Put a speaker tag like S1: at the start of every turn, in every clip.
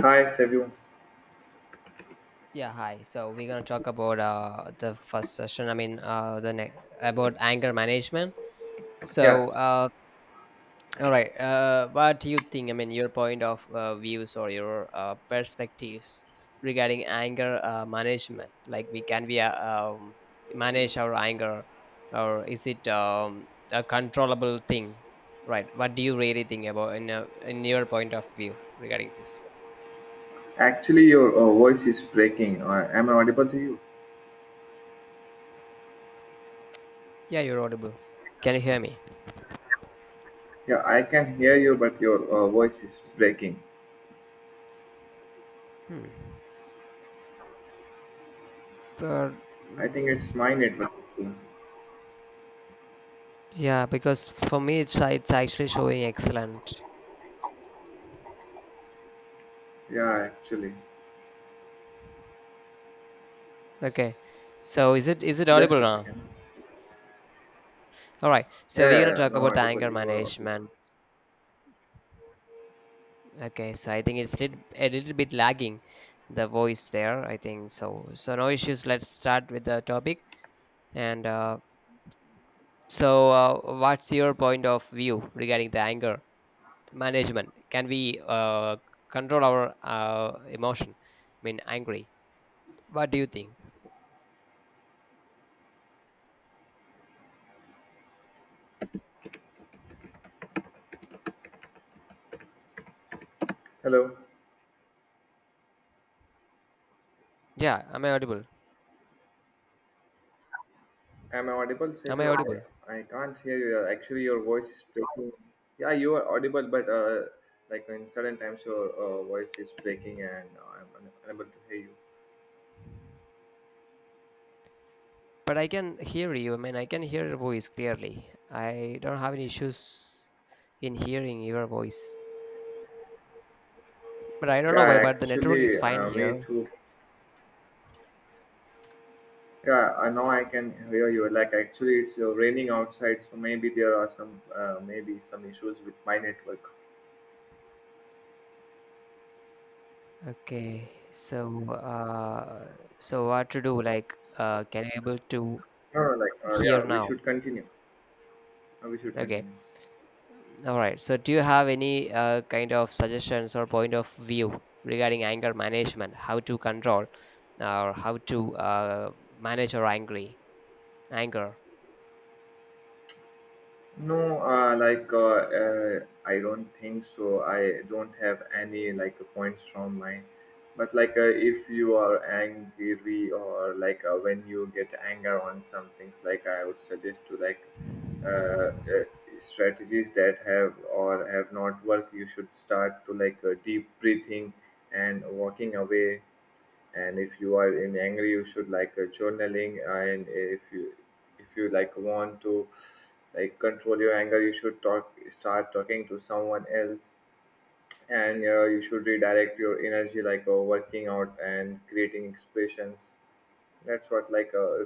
S1: Hi, Savio.
S2: Yeah, hi. So we're gonna talk about the first session. I mean, the next about anger management.
S1: Yeah,
S2: So, uh, all right. What do you think? I mean, your point of views or your perspectives regarding anger management. Like, we can we manage our anger, or is it a controllable thing? Right. What do you really think about in your point of view regarding this?
S1: actually, your voice is breaking. Am I audible to you?
S2: Yeah, you're audible. Can you hear me?
S1: Yeah, I can hear you, but your voice is breaking.
S2: Hmm. But
S1: I think it's
S2: mm,
S1: my network issue.
S2: yeah, because for me it's actually showing excellent.
S1: Yeah, actually.
S2: Okay, so is it audible
S1: Just a
S2: now?
S1: second.
S2: All right,
S1: Yeah,
S2: so we're gonna
S1: yeah, yeah.
S2: talk
S1: Now
S2: about the
S1: audible.
S2: anger
S1: You are audible.
S2: management. Okay, so I think a little bit lagging the voice there. I think so. So no issues. Let's start with the topic. And uh, what's your point of view regarding the anger management? Can we control our emotion? I mean, angry. What do you think?
S1: Hello.
S2: Yeah, am I audible?
S1: Am I audible,
S2: Am I
S1: Savio?
S2: audible?
S1: I can't hear you. Actually, your voice is breaking. Yeah, you are audible, but like in certain times, your voice is breaking and I'm unable to hear you.
S2: But I can hear you. I mean, I can hear your voice clearly. I don't have any issues in hearing your voice. But I don't know why,
S1: Yeah,
S2: but the network is
S1: actually,
S2: fine here.
S1: me too. Yeah, I know I can hear you. Like actually, it's raining outside, so maybe there are some maybe some issues with my network.
S2: Okay. So what to do? Can you able to
S1: No, no,
S2: hear
S1: yeah, we
S2: now?
S1: should continue. We should
S2: Okay.
S1: continue.
S2: All right. So, do you have any kind of suggestions or point of view regarding anger management? How to control or how to manage your angry anger?
S1: No, I don't think so. I don't have any like points from my. But if you are angry or when you get anger on some things, like I would suggest to uh, uh, strategies that have or have not worked. You should start to deep breathing and walking away, and if you are in angry you should journaling, and if you like want to like control your anger, you should talk start talking to someone else. And you should redirect your energy working out and creating expressions. That's what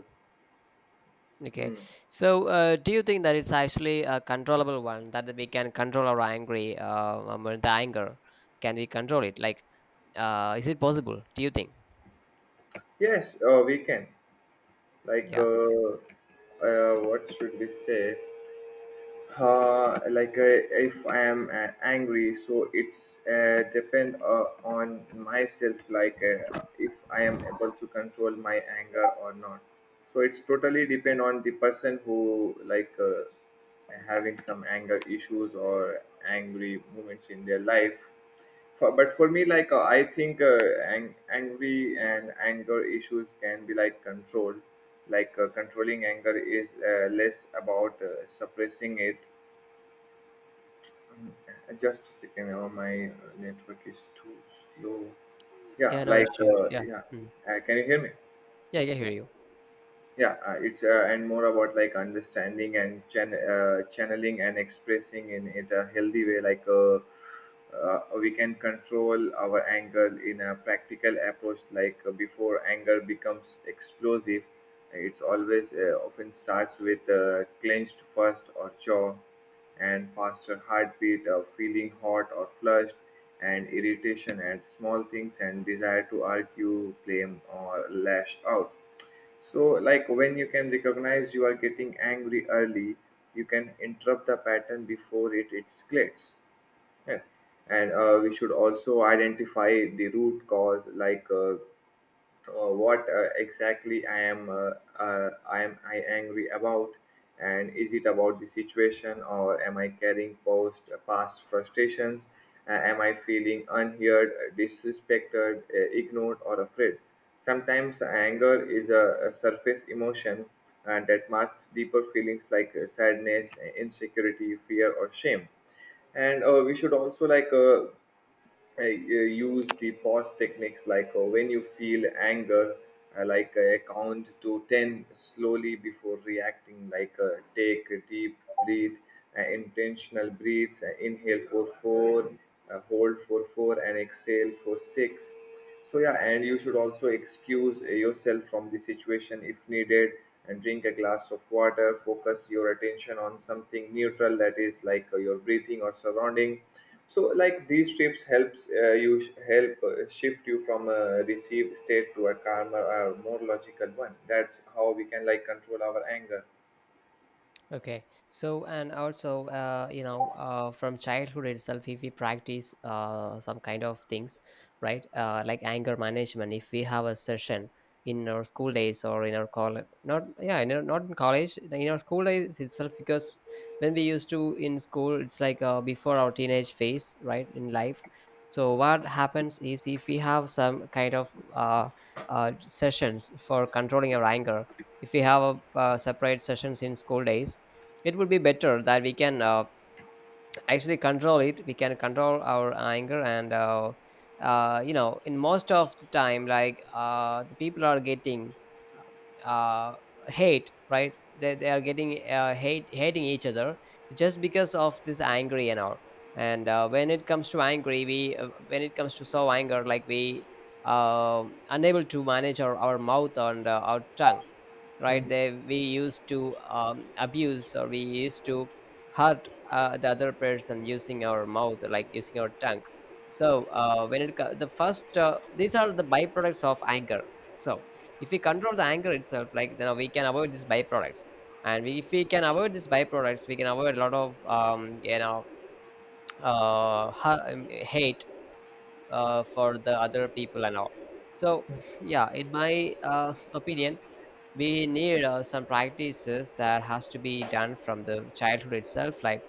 S2: Okay.
S1: hmm.
S2: Do you think that it's actually a controllable one that we can control our the anger? Can we control it? Is it possible? Do you think?
S1: Yes, we can, like
S2: Yeah.
S1: uh, what should we say, uh, like uh, if I am angry, so it's depend on myself. Like if I am able to control my anger or not, so it's totally depend on the person who having some anger issues or angry moments in their life. For, but for me I think angry and anger issues can be like controlled. Controlling anger is less about suppressing it. Mm, just a second. Oh, my network is too slow.
S2: Yeah. No issues. Yeah.
S1: Yeah.
S2: Mm.
S1: Can you hear me?
S2: Yeah. I can hear you.
S1: Yeah, it's and more about like understanding and channeling and expressing in it a healthy way. We can control our anger in a practical approach. Before anger becomes explosive, it's always often starts with clenched first or jaw, and faster heartbeat or feeling hot or flushed, and irritation at small things, and desire to argue, claim, or lash out. So, like when you can recognize you are getting angry early, you can interrupt the pattern before it escalates. Yeah. And we should also identify the root cause, what exactly I angry about, and is it about the situation or am I carrying post past frustrations? Am I feeling unheard, disrespected, ignored, or afraid? Sometimes anger is a surface emotion that masks deeper feelings like sadness, insecurity, fear, or shame. And we should also I use the pause techniques. When you feel anger, count to 10 slowly before reacting, take a deep breath, intentional breaths, inhale for 4, hold for 4, and exhale for 6. So, yeah, and you should also excuse yourself from the situation if needed, and drink a glass of water, focus your attention on something neutral, that is your breathing or surrounding. So, like these trips helps help shift you from a received state to a calmer, more logical one. That's how we can like control our anger.
S2: Okay. So, you know, from childhood itself, if we practice some kind of things, right? Like anger management, if we have a session in our school days or in our college, not, yeah, in our, not in college, in our school days itself, because when we used to in school, it's like before our teenage phase, right, in life. So, what happens is if we have some kind of sessions for controlling our anger, if we have a, separate sessions in school days, it would be better that we can actually control it, we can control our anger, and you know, in most of the time like the people are getting uh, uh, hate, right, they are getting hate hating each other just because of this angry and all. And when it comes to angry we when it comes to so anger, like we unable to manage our mouth and our tongue, right, they we used to abuse or we used to hurt the other person using our mouth, like using our tongue. So the first these are the byproducts of anger. So if we control the anger itself, like then we can avoid these byproducts, and if we can avoid these byproducts we can avoid a lot of you know, hate for the other people and all. So yeah, in my opinion, we need some practices that has to be done from the childhood itself, like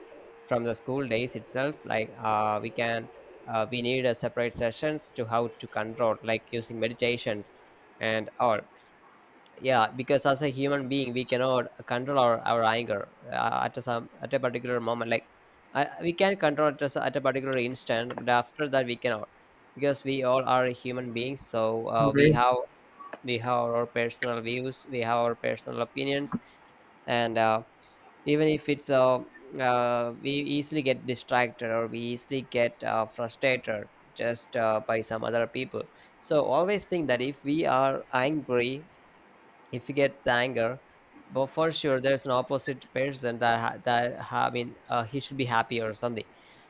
S2: from the school days itself, like we can we need a separate sessions to how to control, like using meditations and all. Yeah, because as a human being we cannot control our anger at a particular moment, like we can control it at a particular instant but after that we cannot, because we all are human beings. So we have, we have our personal views, we have our personal opinions, and even if it's we easily get distracted or we easily get frustrated just by some other people. So always think that if we are angry, if you get the anger, but for sure there's an opposite person that I mean he should be happy or something.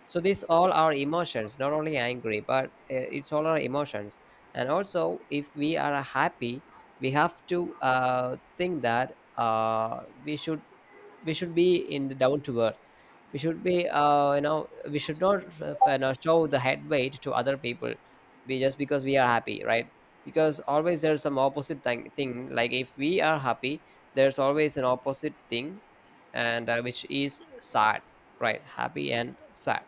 S2: So these all are emotions, not only angry but it's all our emotions. And also if we are happy, we have to think that we should, we should be in the down to earth, we should be you know, we should not you know, show the head weight to other people, be just because we are happy, right? Because always there's some opposite thing, like if we are happy there's always an opposite thing, and which is sad, right, happy and sad.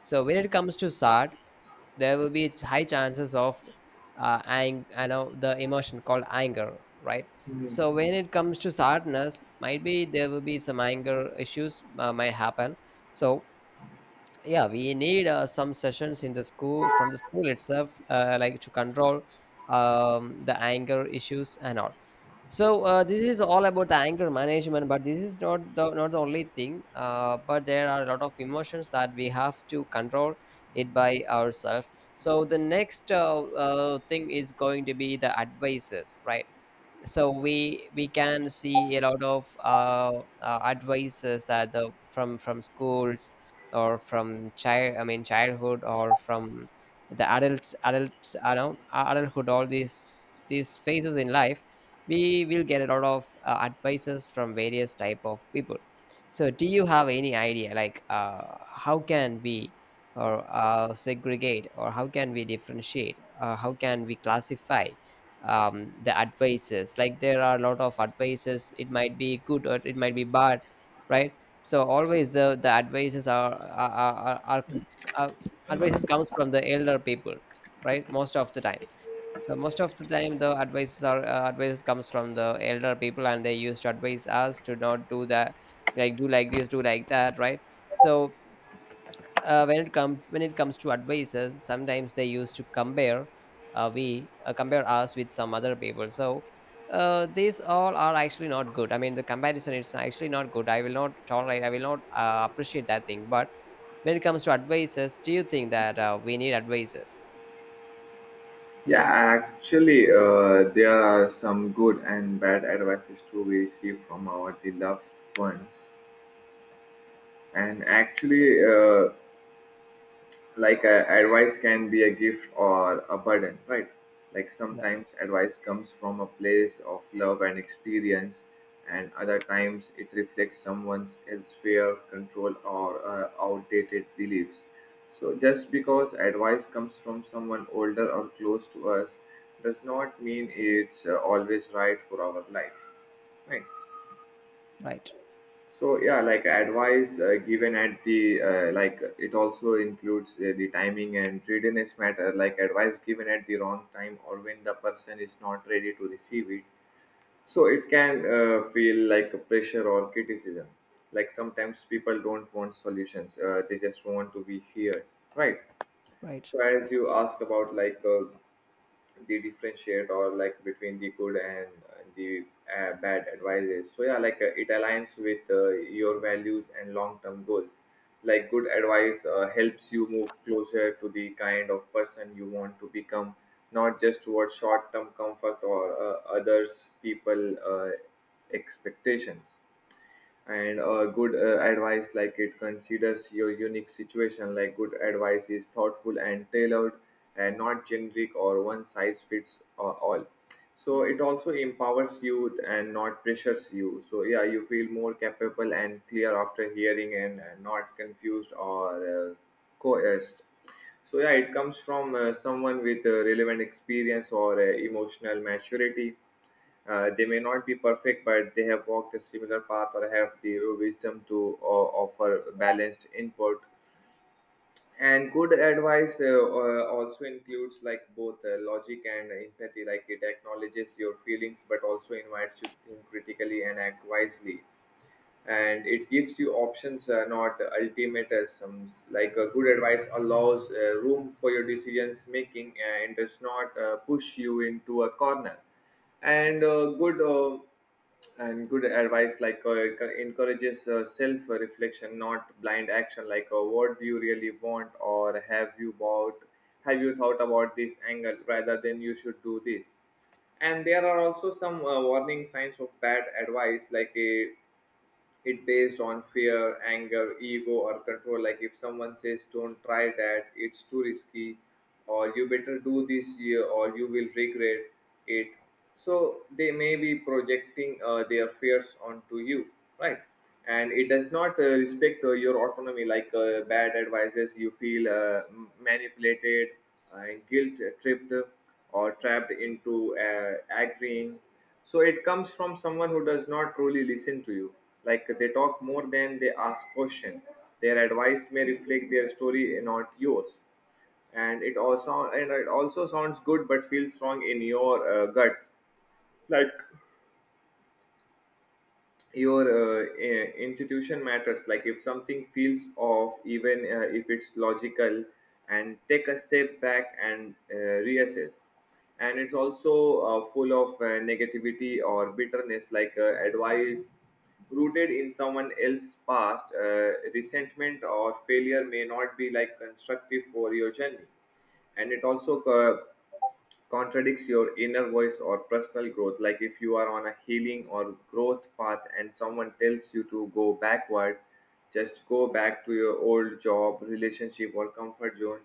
S2: So when it comes to sad there will be high chances of I know the emotion called anger, right? So when it comes to sadness, might be there will be some anger issues might happen. So yeah, we need some sessions in the school, from the school itself like to control the anger issues and all. So this is all about the anger management, but this is not the only thing, but there are a lot of emotions that we have to control it by ourselves. So the next thing is going to be the advices, right? So we can see a lot of advices that the from schools or from child, I mean childhood, or from the adults I know adulthood, all these phases in life, we will get a lot of advices from various type of people. So do you have any idea, like how can we or segregate or how can we differentiate or how can we classify the advices. Like there are a lot of advices. It might be good or it might be bad, right? So always the advices are uh, advices comes from the elder people, right? Most of the time. So most of the time, the advices are advices comes from the elder people, and they used to advise us to not do that, like do like this, do like that, right? So when it comes to advisors, sometimes they used to compare we compare us with some other people. So these all are actually not good, I mean the comparison is actually not good, I will not tolerate, I will not appreciate that thing. But when it comes to advisors, do you think that we need advisors?
S1: Yeah, actually, there are some good and bad advices to we receive from our beloved ones. And actually, advice can be a gift or a burden, right? Like
S2: No,
S1: sometimes advice comes from a place of love and experience, and other times it reflects someone's else fear, control, or outdated beliefs. So just because advice comes from someone older or close to us does not mean it's always right for our life, right?
S2: right.
S1: So yeah, like advice given at the like it also includes the timing and readiness matter. Like advice given at the wrong time or when the person is not ready to receive it, so it can feel like a pressure or criticism. Like sometimes people don't want solutions; they just want to be heard, right?
S2: Right,
S1: So as you ask about they differentiate or like between the good and the bad advices, so yeah, it aligns with your values and long term goals. Like good advice helps you move closer to the kind of person you want to become, not just towards short term comfort or others people expectations. And good advice like it considers your unique situation. Like good advice is thoughtful and tailored, and not generic or one size fits all. So it also empowers you and not pressures you, so yeah you feel more capable and clear after hearing, and not confused or coerced. So yeah, it comes from someone with relevant experience or emotional maturity. They may not be perfect, but they have walked a similar path or have the wisdom to offer balanced input. And good advice also includes like both logic and empathy. Like it acknowledges your feelings, but also invites you to think critically and act wisely. And it gives you options, not ultimatums. Um, like a good advice allows room for your decisions making, and does not push you into a corner. And good advice encourages self reflection, not blind action. What do you really want, or have you thought about this angle, rather than you should do this? And there are also some warning signs of bad advice, like a, it based on fear, anger, ego, or control. Like if someone says, "Don't try that; it's too risky," or "You better do this year, or you will regret it." So they may be projecting their fears onto you, right? And it does not respect your autonomy. Like bad advices, you feel manipulated, guilt tripped, or trapped into agreeing. So it comes from someone who does not truly listen to you. Like they talk more than they ask questions. Their advice may reflect their story and not yours. And it also sounds good but feels wrong in your gut. Like your institution matters. Like if something feels off, even if it's logical, and take a step back and reassess. And it's also full of negativity or bitterness. Like advice rooted in someone else's past resentment or failure may not be like constructive for your journey. And it also contradicts your inner voice or personal growth. Like if you are on a healing or growth path and someone tells you to go backward, just go back to your old job, relationship, or comfort zone.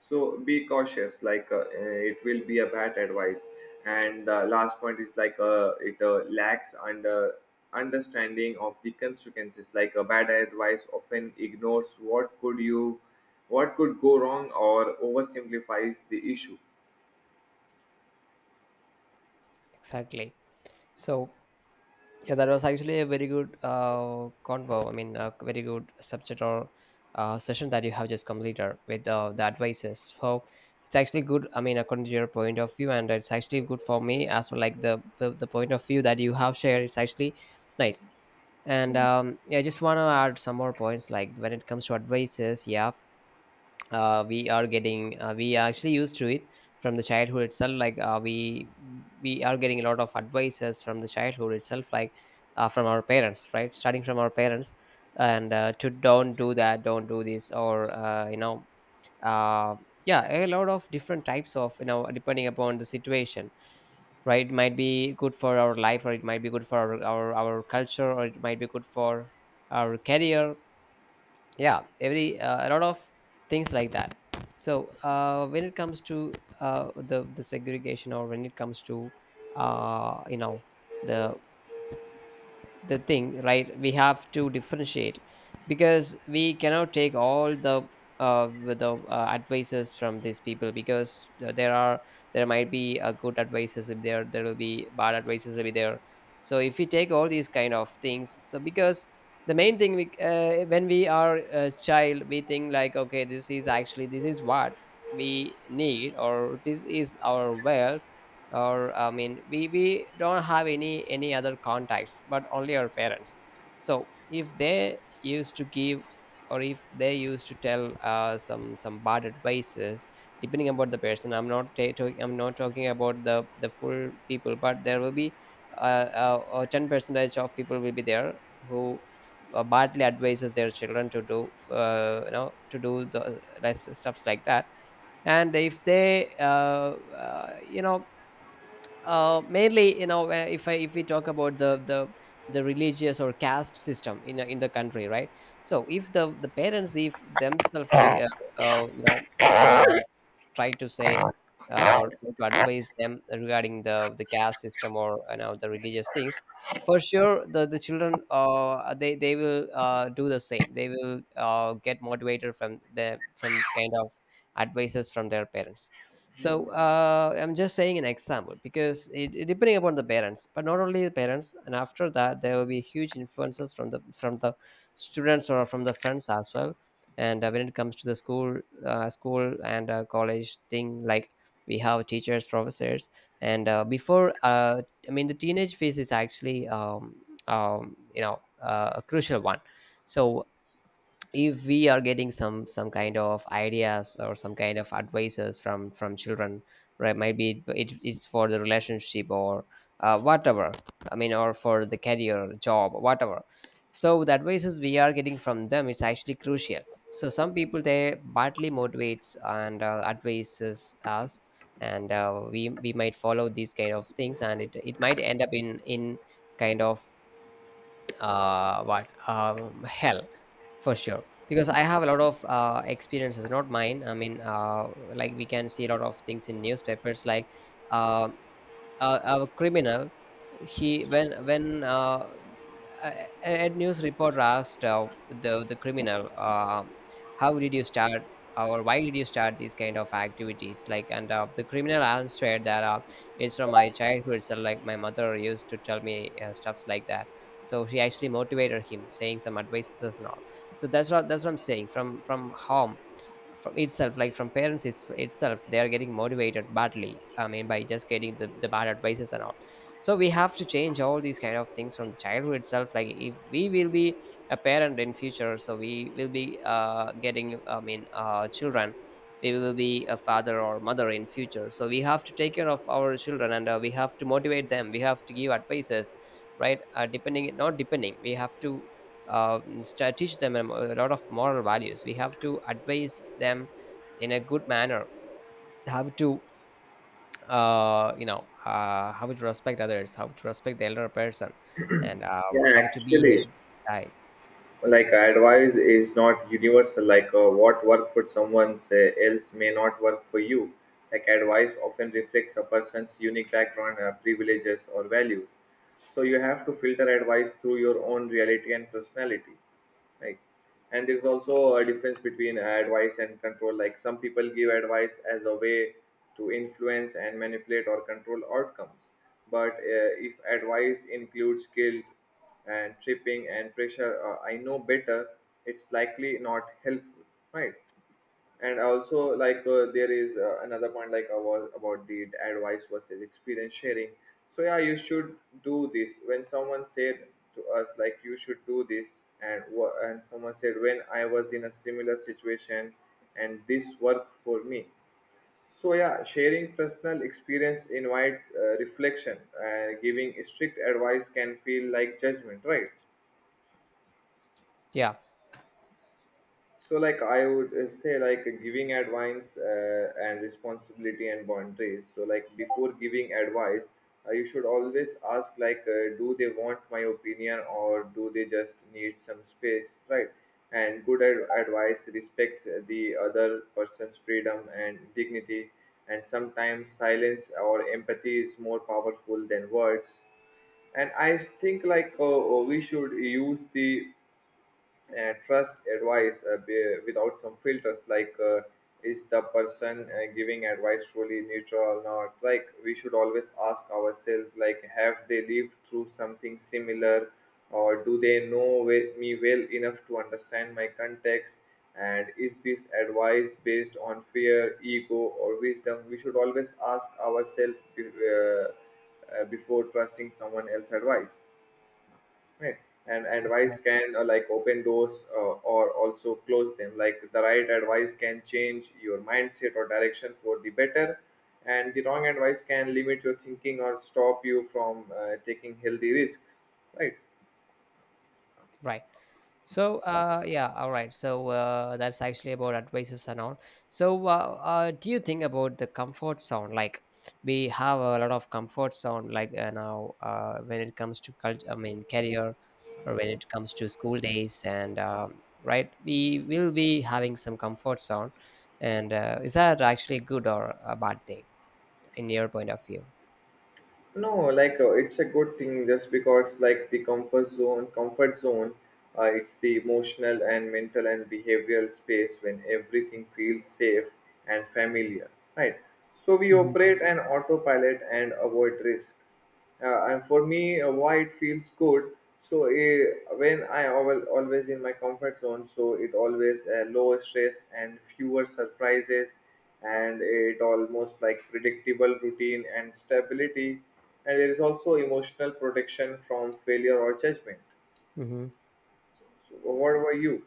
S1: So be cautious. Like it will be a bad advice. And the last point is like it lacks understanding of the consequences. Like a bad advice often ignores what could go wrong, or oversimplifies the issue.
S2: exactly. So, yeah, that was actually a very good convo. I mean, a very good subject or session that you have just completed with the advices. So it's actually good. I mean, according to your point of view, and it's actually good for me as well. Like the point of view that you have shared, it's actually nice. And yeah, I just want to add some more points. Like when it comes to advices, yeah, we are actually used to it from the childhood itself, like we are getting a lot of advices from the childhood itself, like from our parents, right, starting from our parents, and to don't do that, don't do this, or you know, uh, yeah, a lot of different types of, you know, depending upon the situation, right, it might be good for our life or it might be good for our culture, or it might be good for our career. Yeah, every a lot of things like that. So when it comes to the segregation, or when it comes to you know, the the thing, right, we have to differentiate, because we cannot take all the with the advices from these people, because there might be a good advices, if there will be bad advices will be there. So if we take all these kind of things, so because the main thing we when we are a child we think like, okay, this is what we need, or this is our wealth, or I mean we don't have any other contacts but only our parents. So if they used to give, or if they used to tell some bad advices, depending about the person, I'm not talking about the full people, but there will be 10 percentage of people will be there who badly advises their children to do you know, to do the less stuffs like that. And if they you know, mainly you know, where if if we talk about the religious or caste system in in the country, right? So if the parents, if themselves, uh, you know uh, try to say, or try to advise them regarding the caste system or, you know, the religious things, for sure the children, they will do the same. They will get motivated from the from kind of advices from their parents. So I'm just saying an example because it depending upon the parents, but not only the parents, and after that there will be huge influences from the students or from the friends as well. And when it comes to the school, school and college thing, like we have teachers, professors. And before I mean the teenage phase is actually a crucial one. So if we are getting some kind of ideas or some kind of advices from children, right, might be it's for the relationship or whatever. I mean, or for the career, job, whatever. So the advices we are getting from them is actually crucial. So some people, they badly motivates and advises us, and we might follow these kind of things, and it might end up in kind of what hell for sure, because I have a lot of experiences, not mine, I mean, like we can see a lot of things in newspapers, like um a, a criminal, he when a, a news reporter asked the criminal, how did you start or why did you start these kind of activities, like. And the criminal answered that it's from my childhood. So like my mother used to tell me stuffs like that. So she actually motivated him, saying some advices and all. So that's what I'm saying. From home, from itself, like from parents itself, they are getting motivated badly, I mean, by just getting the bad advices and all. So we have to change all these kind of things from the childhood itself. Like if we will be a parent in future, so we will be getting, I mean, children. We will be a father or mother in future, so we have to take care of our children, and we have to motivate them, we have to give advices, right? Uh, depending not depending we have to teach them a lot of moral values. We have to advise them in a good manner, how to how to respect others, how to respect the elder person. And
S1: Yeah,
S2: how to be a
S1: actually,
S2: guy.
S1: like advice is not universal. Like what work for someone say, else may not work for you. Like advice often reflects a person's unique background, privileges, or values. So you have to filter advice through your own reality and personality like. And there's also a difference between advice and control. Like some people give advice as a way to influence and manipulate or control outcomes, but if advice includes guilt and tripping and pressure, I know better, it's likely not helpful, right? And also there is another point like I was about the advice versus experience sharing. So yeah, you should do this when someone said to us, like, you should do this, and someone said, when I was in a similar situation and this worked for me. So yeah, sharing personal experience invites reflection. Giving strict advice can feel like judgment, right?
S2: Yeah,
S1: So, like I would say, like giving advice and responsibility and boundaries. So, like before giving advice, you should always ask, like, do they want my opinion or do they just need some space, right? And good advice respects the other person's freedom and dignity. And sometimes silence or empathy is more powerful than words. And I think, like, we should use the trust advice without some filters. Is the person giving advice truly neutral or not? Like, we should always ask ourselves, like, have they lived through something similar, or do they know me well enough to understand my context, and is this advice based on fear, ego, or wisdom? We should always ask ourselves before trusting someone else's advice, right? And advice can like open doors or also close them. Like, the right advice can change your mindset or direction for the better, and the wrong advice can limit your thinking or stop you from taking healthy risks, right?
S2: right. So yeah, all right. So that's actually about advices and all. So do you think about the comfort zone? Like we have a lot of comfort zone, like now when it comes to I mean career, or when it comes to school days, and right, we will be having some comfort zone. And is that actually good or a bad thing in your point of view?
S1: No, like it's a good thing, just because, like, the comfort zone, it's the emotional and mental and behavioral space when everything feels safe and familiar, right? So we
S2: Mhm.
S1: operate an autopilot and avoid risk. And for me, why it feels good? So when I always in my comfort zone, so it always lower stress and fewer surprises, and it almost like predictable routine and stability, and there is also emotional protection from failure or judgment.
S2: Mm-hmm.
S1: So what were you?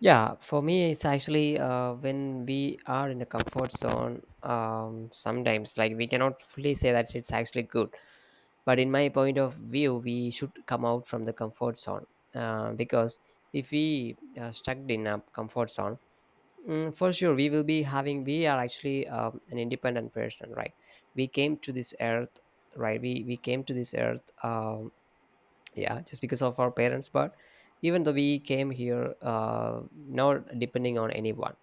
S2: Yeah, for me, it's actually when we are in a comfort zone, sometimes, like, we cannot fully say that it's actually good. But in my point of view, we should come out from the comfort zone, because if we are stuck in a comfort zone, for sure we will be having, we are actually an independent person, right? We came to this earth, right? We came to this earth. Yeah, just because of our parents, but even though we came here, not depending on anyone,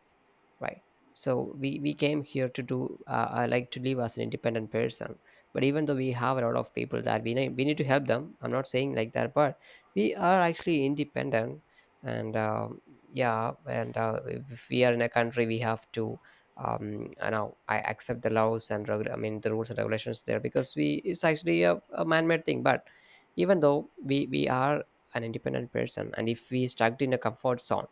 S2: right? So we came here to do, like, to live as an independent person. But even though we have a lot of people that we need to help them, I'm not saying like that, but we are actually independent. And yeah, and if we are in a country, we have to I know, I accept the laws and I mean the rules and regulations there, because we, it's actually a man-made thing. But even though we are an independent person, and if we stuck in a comfort zone,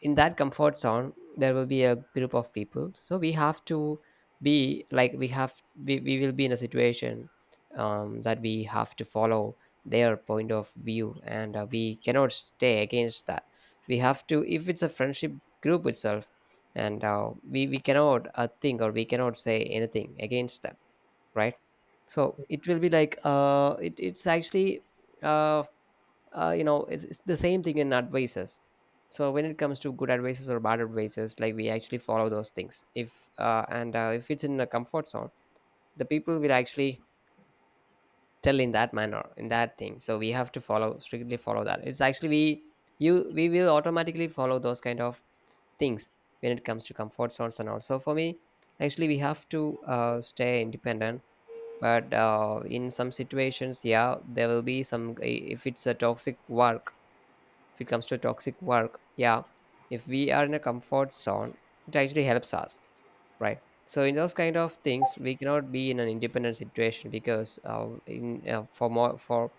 S2: in that comfort zone there will be a group of people, so we have to be like we have, we will be in a situation, that we have to follow their point of view, and we cannot stay against that. We have to, if it's a friendship group itself, and we cannot think, or we cannot say anything against them, right? So it will be like it's actually uh you know, it's the same thing in advices. So when it comes to good advices or bad advices, like we actually follow those things if and if it's in a comfort zone, the people will actually tell in that manner, in that thing, so we have to follow, strictly follow that. It's actually we, you, we will automatically follow those kind of things. When it comes to comfort zones, and also for me, actually we have to stay independent. But in some situations, yeah, there will be some, if it's a toxic work, if it comes to toxic work, yeah, if we are in a comfort zone, it actually helps us, right? So in those kind of things, we cannot be in an independent situation, because in for more, for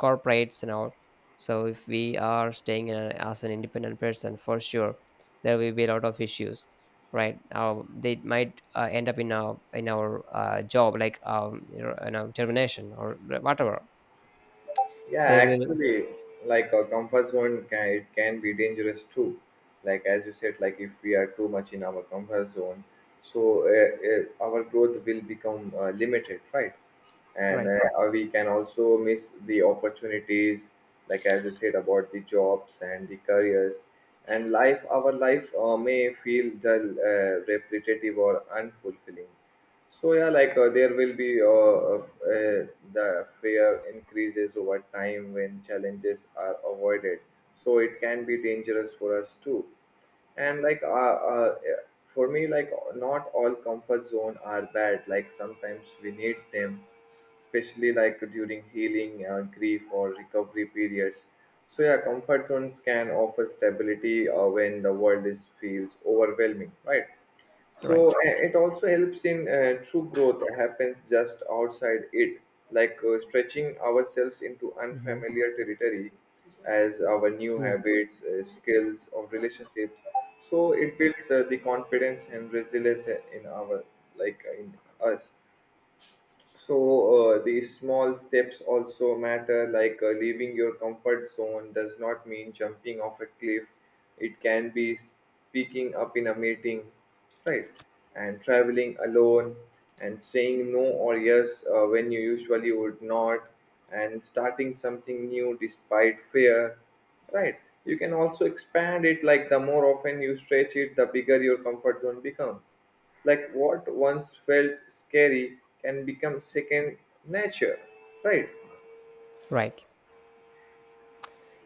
S2: corporates and all. So if we are staying in a, as an independent person, for sure there will be a lot of issues, right? They might end up in our job, like you know, in a termination or whatever
S1: Yeah,
S2: they will.
S1: actually, like a comfort zone can it can be dangerous too. Like as you said, like if we are too much in our comfort zone, so our growth will become limited, right? And
S2: Right,
S1: we can also miss the opportunities, like as you said about the jobs and the careers and life. Our life may feel dull, repetitive, or unfulfilling. So yeah, like there will be the fear increases over time when challenges are avoided. So it can be dangerous for us too. And for me, like not all comfort zone are bad. Like sometimes we need them, especially like during healing, grief, or recovery periods. So yeah, comfort zones can offer stability when the world is feels overwhelming, right? So
S2: right.
S1: it also helps in true growth happens just outside it, like stretching ourselves into
S2: Mhm.
S1: unfamiliar territory as our new
S2: Mm.
S1: habits, skills, or relationships. So it builds the confidence and resilience in our, like, in us. So, the small steps also matter. Like leaving your comfort zone does not mean jumping off a cliff. It can be speaking up in a meeting, right? And traveling alone, and saying no or yes when you usually would not, and starting something new despite fear. Right. You can also expand it. Like the more often you stretch it, the bigger your comfort zone becomes. Like what once felt scary can become second nature. Right.
S2: Right.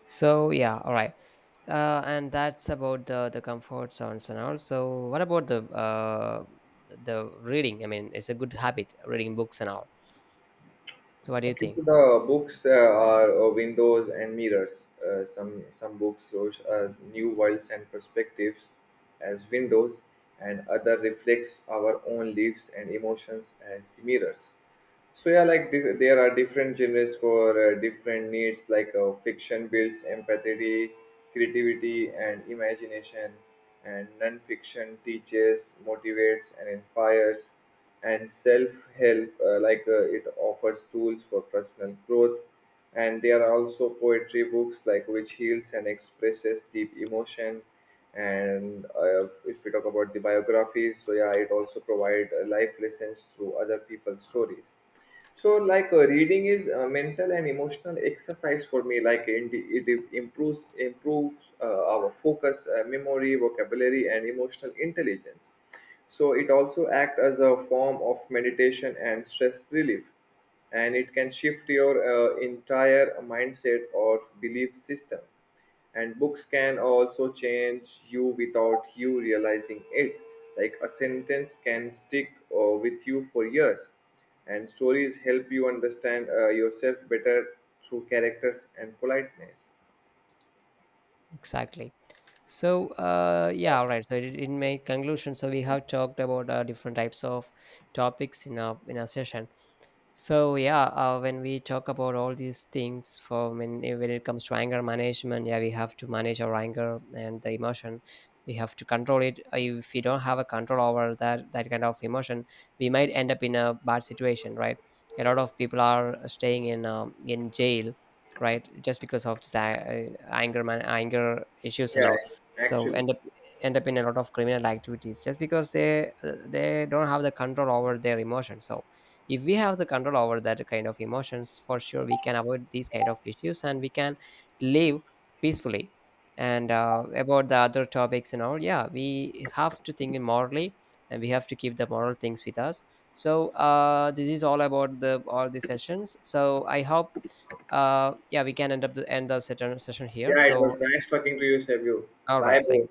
S2: So yeah, all right. And that's about the comfort zones and all. So what about the reading? I mean, it's a good habit, reading books and all. So what do you
S1: Okay,
S2: think?
S1: so the books are windows and mirrors. Some books shows us new worlds and perspectives as windows, and other reflects our own lives and emotions as the mirrors. So yeah, like there are different genres for different needs. Like fiction builds empathy, creativity, and imagination, and non-fiction teaches, motivates, and inspires. And self-help, it offers tools for personal growth. And there are also poetry books, like which heals and expresses deep emotion. And if we talk about the biographies, so yeah, it also provides life lessons through other people's stories. So like reading is a mental and emotional exercise for me. Like it improves our focus, memory, vocabulary, and emotional intelligence. So it also acts as a form of meditation and stress relief, and it can shift your entire mindset or belief system. And books can also change you without you realizing it. Like a sentence can stick with you for years, and stories help you understand yourself better through characters and politeness.
S2: Exactly. So yeah, all right. So in my conclusion, so we have talked about different types of topics in our session. So yeah, when we talk about all these things, for when when it comes to anger management, yeah, we have to manage our anger and the emotion. We have to control it. If we don't have a control over that kind of emotion, we might end up in a bad situation, right? A lot of people are staying in jail, right, just because of this anger issues and
S1: Yeah,
S2: all. So
S1: actually,
S2: end up, end up in a lot of criminal activities just because they don't have the control over their emotion. So if we have the control over that kind of emotions, for sure we can avoid these kind of issues and we can live peacefully. And about the other topics and all, yeah, we have to think morally, and we have to keep the moral things with us. So this is all about the all the sessions. So I hope yeah, we can end up the end of session here.
S1: yeah, it
S2: So
S1: was nice talking to you, Savio.
S2: all right,
S1: Bye, bro.
S2: thank you.